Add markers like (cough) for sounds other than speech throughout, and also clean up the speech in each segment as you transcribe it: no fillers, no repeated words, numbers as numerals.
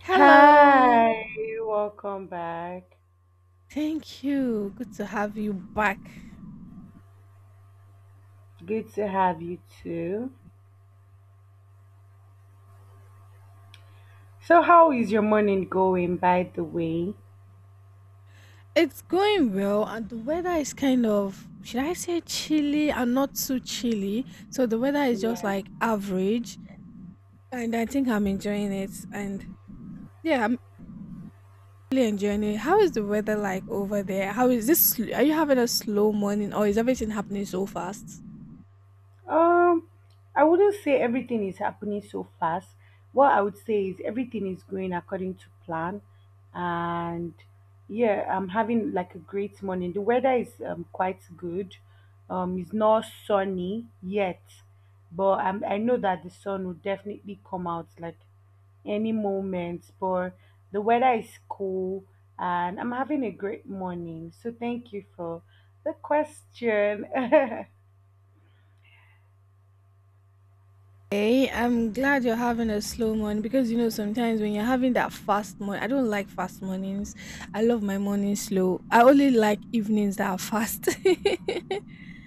Hello. Hi, welcome back. Thank you. Good to have you back. Good to have you too. So, how is your morning going, by the way? It's going well, and the weather is kind of, should I say, chilly and not too chilly. So the weather is just Yeah. like average, and I think I'm enjoying it. And yeah, I'm really enjoying it. How is the weather like over there? How is this? Are you having a slow morning, or is everything happening so fast? Um, I wouldn't say everything is happening so fast. What I would say is everything is going according to plan, and yeah, I'm having like a great morning. The weather is quite good. It's not sunny yet, but I know that the sun will definitely come out like any moment, but the weather is cool and I'm having a great morning. So thank you for the question. (laughs) Hey, I'm glad you're having a slow morning, because you know sometimes when you're having that fast morning, I don't like fast mornings. I love my morning slow. I only like evenings that are fast.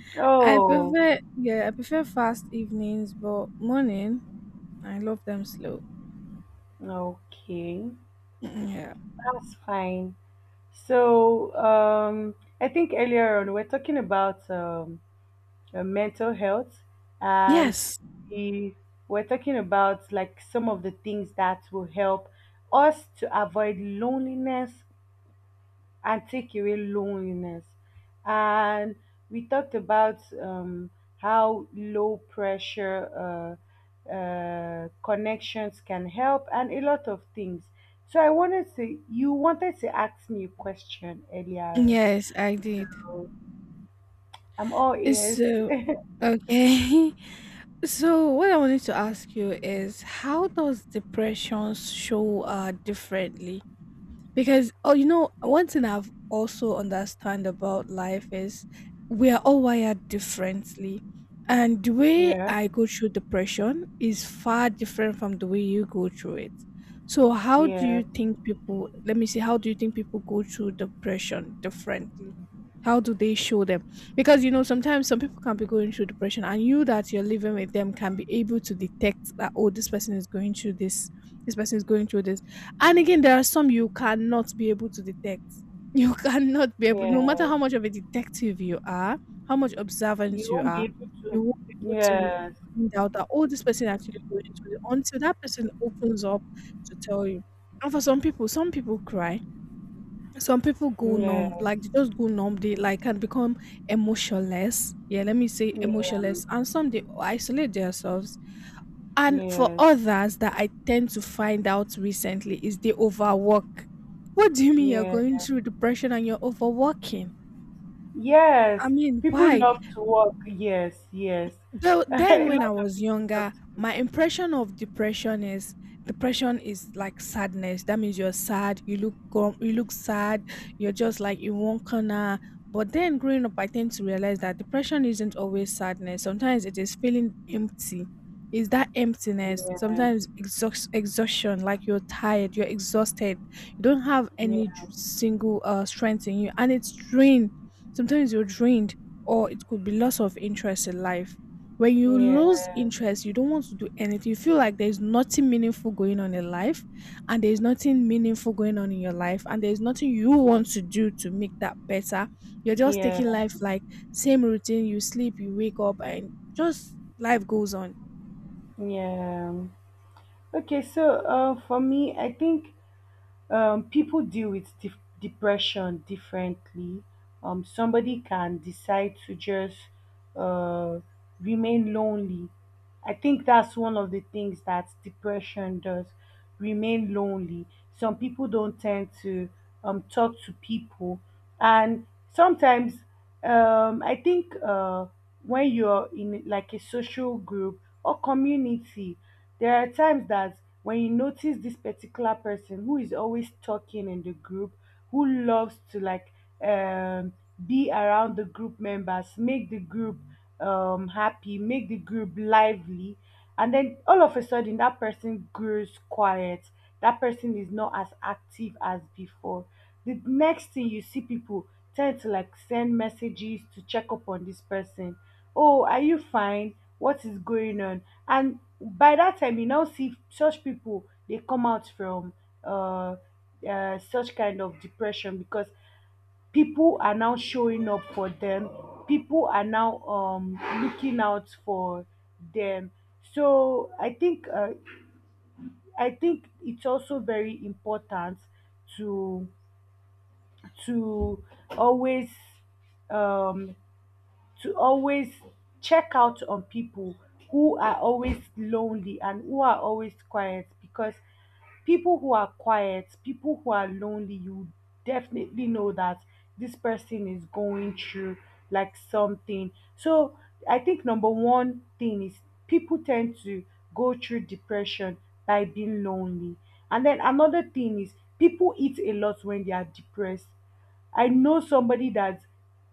(laughs) I Oh, prefer, yeah, I prefer fast evenings, but morning I love them slow. okay. Mm. Yeah. That's fine. So, um, I think earlier on we are talking about mental health, and Yes. the, we're talking about like some of the things that will help us to avoid loneliness and take away loneliness. And we talked about how low pressure connections can help and a lot of things. So you wanted to ask me a question earlier. Yes, I did. So I'm all ears. So okay. (laughs) So what I wanted to ask you is, how does depression show differently? Because oh, you know, one thing I've also understand about life is we are all wired differently. And the way (laughs) Yeah, I go through depression is far different from the way you go through it. So how do yes, you think people, let me see, how do you think people go through depression differently? How do they show them? Because you know, sometimes some people can be going through depression and you that you're living with them can be able to detect that, oh, this person is going through this, this person is going through this, and again, there are some you cannot be able to detect. You (laughs) cannot be able, no matter how yes. much of a detective you are, how much observant You you won't be are, able to. you won't be able to Yes, find out that, oh, this person actually going to it until that person opens up to tell you. And for some people cry. Some people go numb, yes, like they just go numb. They like can become emotionless. Yeah, let me say yes, emotionless. And some they isolate themselves, and for yes, others that I tend to find out recently is they overwork. What do you mean you're yes. going through depression and you're overworking? Yes, I mean, people why? love to work. Yes, yes. Though (laughs) A then when I lot of was people love younger, to do my impression of depression is like sadness. That means you're sad, you look you look sad, you're just like in one corner. But then growing up, I tend to realize that depression isn't always sadness. Sometimes it is feeling empty. It's that emptiness. that. Sometimes exhaustion, like you're tired, you're exhausted, you don't have Yeah, any single strength in you, and it's drained. Sometimes you're drained, or it could be loss of interest in life. When you lose yeah, interest, you don't want to do anything. You feel like there's nothing meaningful going on in life, and there's nothing meaningful going on in your life, and there's nothing you want to do to make that better. You're just yeah, taking yeah, life like same routine, you sleep, you wake up, and just life goes on. yeah. Okay, so for me, I think people deal with depression differently. Somebody can decide to just uh, remain lonely. I think that's one of the things that depression does, remain lonely. Some people don't tend to talk to people, and sometimes I think when you're in like a social group or community, there are times that when you notice this particular person who is always talking in the group, who loves to like um be around the group members, make the group happy, make the group lively, and then all of a sudden that person grows quiet, that person is not as active as before. The next thing you see, people tend to like send messages to check up on this person. Oh, are you fine? What is going on? And by that time, you now see such people, they come out from uh, such kind of depression because people are now showing up for them. People are now looking out for them. So I think it's also very important to to always um to always check out on people who are always lonely and who are always quiet, because people who are quiet, people who are lonely, you definitely know that this person is going through like something. So I think number one thing is people tend to go through depression by being lonely. And then another thing is people eat a lot when they are depressed. I know somebody that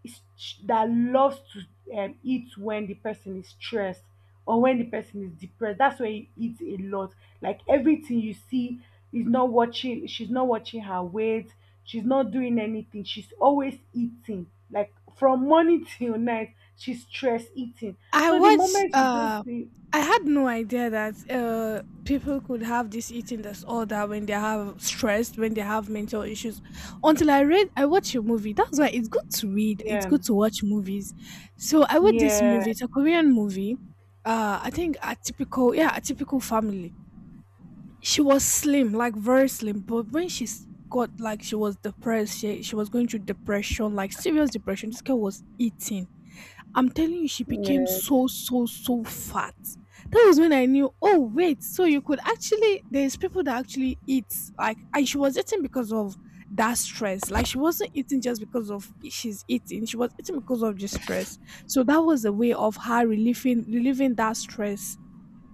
is that loves to eat when the person is stressed or when the person is depressed. That's why he eats a lot. Like everything you see, is not watching. She's not watching her weight. She's not doing anything. She's always eating. Like from morning (laughs) till night, she's stress eating. I So the watched. moment you don't see, I had no idea that people could have this eating disorder when they have stress, when they have mental issues. Until I read, I watched a movie. That's why it's good to read. It's yeah, good to watch movies. So I watched this yeah, movie. It's a Korean movie. I think a typical, yeah, a typical family. She was slim, like very slim, but when she s- got like she was depressed, she was going through depression, like serious depression. This girl was eating. I'm telling you, she became yes, so, so, so fat. That was when I knew, oh, wait, so you could actually, there's people that actually eat, like, and she was eating because of that stress. Like, she wasn't eating just because of she's eating, she was eating because of the stress. So that was a way of her relieving that stress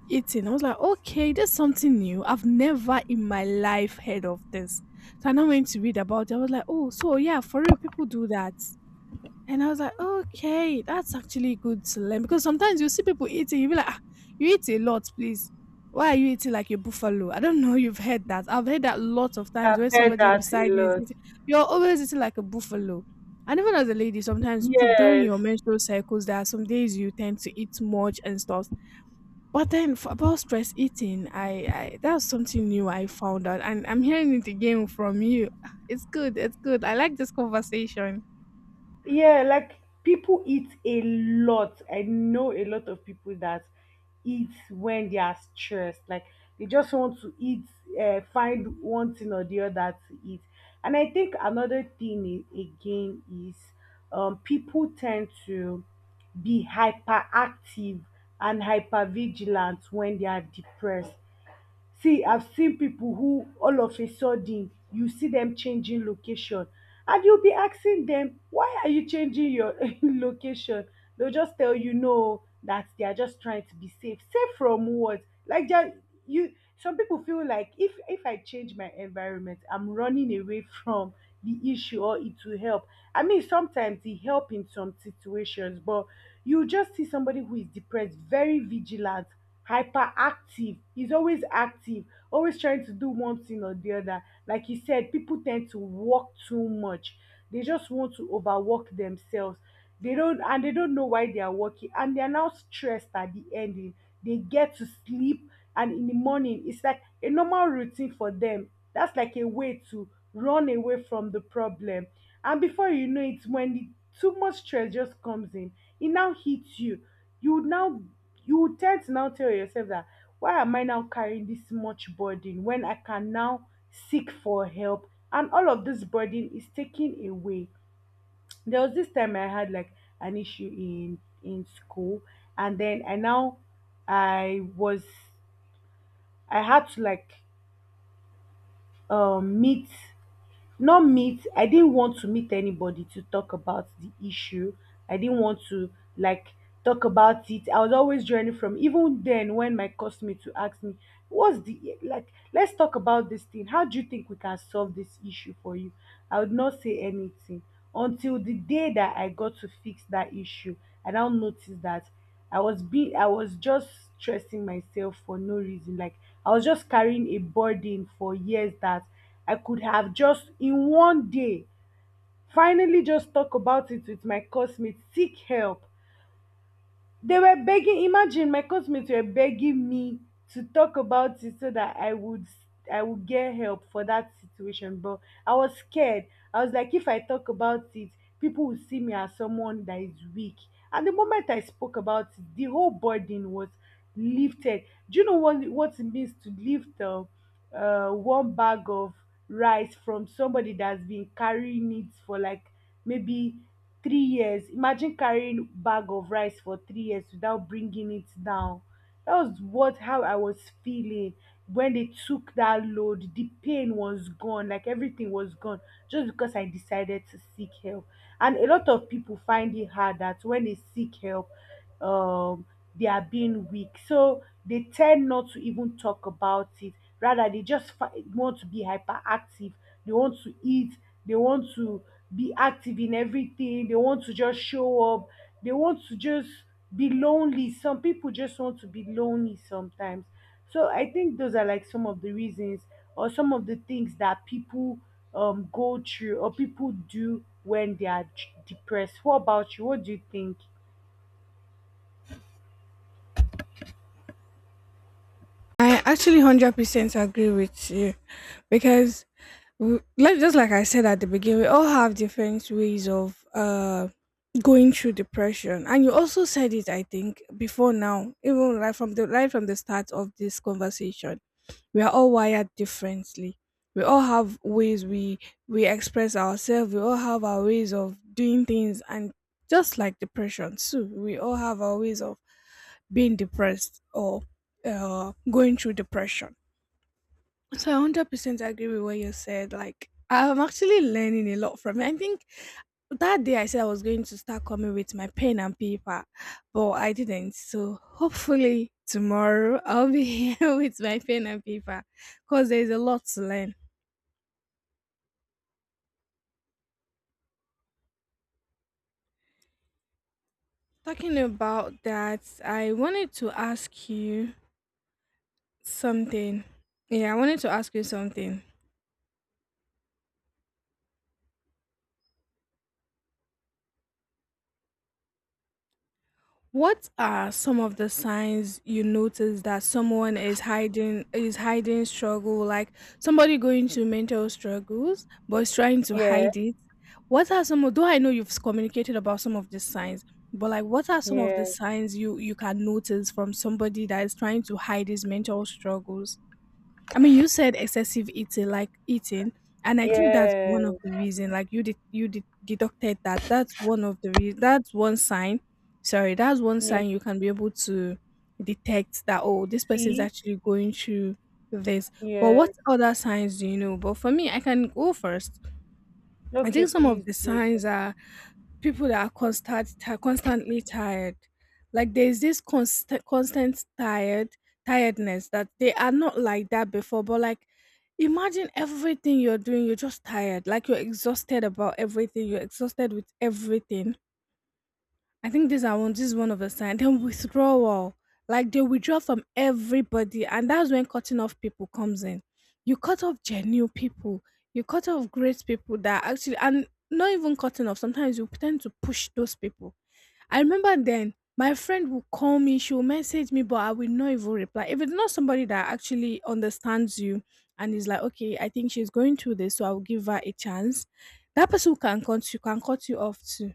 eating. I was like, okay, that's something new. I've never in my life heard of this. So I now went to read about it. I was like, oh, so yeah, for real, people do that. And I was like, okay, that's actually good to learn, because sometimes you see people eating, you be like, ah, you eat a lot, please. Why are you eating like a buffalo? I don't (laughs) know. You've heard that. I've heard that lots of times. I've When heard somebody that a beside you is lot. eating, you're always eating like a buffalo. And even as a lady, sometimes during your Yes. menstrual cycles, there are some days you tend to eat much and stuff. But then for, about stress eating, I that's something new I found out, and I'm hearing it again from you. Ah, it's good. It's good. I like this conversation. Yeah, like people eat a lot. I know a lot of people that eat when they are stressed. Like they just want to eat, find one thing or the other to eat. And I think another thing, again, is people tend to be hyperactive and hypervigilant when they are depressed. See, I've seen people who all of a sudden you see them changing location, and you'll be asking them, why are you changing your (laughs) location? They'll just tell you no, that they are just trying to be safe. Safe from what? Like just, you some people feel like if I change my environment, I'm running away from the issue, or it will help. I mean sometimes it help in some situations, but you just see somebody who is depressed, very vigilant, hyperactive, he's always active, always trying to do one thing or the other. Like you said, people tend to work too much, they just want to overwork themselves. They don't, and they don't know why they are working, and they are now stressed. At the ending they get to sleep, and in the morning it's like a normal routine for them. That's like a way to run away from the problem. And before you know it, when the too much stress just comes in, it now hits you. You now, you will tend to now tell yourself that, why am I now carrying this much burden when I can now seek for help? And all of this burden is taken away. There was this time I had like an issue in school, and then I now, I was, I had to like meet, not meet I didn't want to meet anybody to talk about the issue. I didn't want to like talk about it. I was always journey from, even then when my cosmate to ask me, what's the, like let's talk about this thing, how do you think we can solve this issue for you, I would not say anything. Until the day that I got to fix that issue, I now noticed that I was just stressing myself for no reason. Like I was just carrying a burden for years that I could have just in one day finally just talk about it with my classmates, seek help. They were begging, imagine my classmates were begging me to talk about it so that I would, I would get help for that situation. But I was scared. I was like, if I talk about it, people will see me as someone that is weak. And the moment I spoke about it, the whole burden was lifted. Do you know what it means to lift up one bag of rice from somebody that's been carrying it for like maybe 3 years? Imagine carrying bag of rice for 3 years without bringing it down. That was what, how I was feeling. When they took that load, the pain was gone, like everything was gone, just because I decided to seek help. And a lot of people find it hard that when they seek help, um they are being weak, so they tend not to even talk about it. Rather they just want to be hyperactive, they want to eat, they want to be active in everything, they want to just show up, they want to just be lonely. Some people just want to be lonely sometimes. So I think those are like some of the reasons or some of the things that people go through, or people do when they are depressed. What about you? What do you think? I actually 100% agree with you, because like just like I said at the beginning, we all have different ways of going through depression. And you also said it, I think, before now, even right from the start of this conversation. We are all wired differently. We all have ways we express ourselves. We all have our ways of doing things, and just like depression too, we all have our ways of being depressed or going through depression. So I 100% agree with what you said. Like, I'm actually learning a lot from it. I think that day I said I was going to start coming with my pen and paper, but I didn't. So hopefully tomorrow I'll be (laughs) here with my pen and paper, because there's a lot to learn. Talking about that, I wanted to ask you something. Yeah, I wanted to ask you something. What are some of the signs you notice that someone is hiding struggle, like somebody going through mental struggles but is trying to Yeah, hide it? What are some of, though I know you've communicated about some of these signs, but like what are some of the yeah, signs you can notice from somebody that is trying to hide his mental struggles? I mean, you said excessive eating, like eating, and I think that's yeah, one of the reason. Like you did deducted that. That's one of the reason. That's one sign. Sorry, that's one yeah. sign you can be able to detect that. Oh, this person is See, actually going through this. But what yes. other signs do you know? But for me, I can go first. I Okay, think some of please the do. signs are people that are constantly tired. Like there's this constant tiredness that they are not like that before, but like, imagine everything you're doing you're just tired, like you're exhausted about everything, you're exhausted with everything. I think this I want this is one of the signs. Then withdrawal. Like they withdraw from everybody, and that's when cutting off people comes in. You cut off genuine people, you cut off great people that actually, and not even cutting off. Sometimes you tend to push those people. I remember then my friend will call me, she will message me, but I will not even reply. If it's not somebody that actually understands you and is like, okay, I think she's going through this, so I'll give her a chance. That person who can cut you off too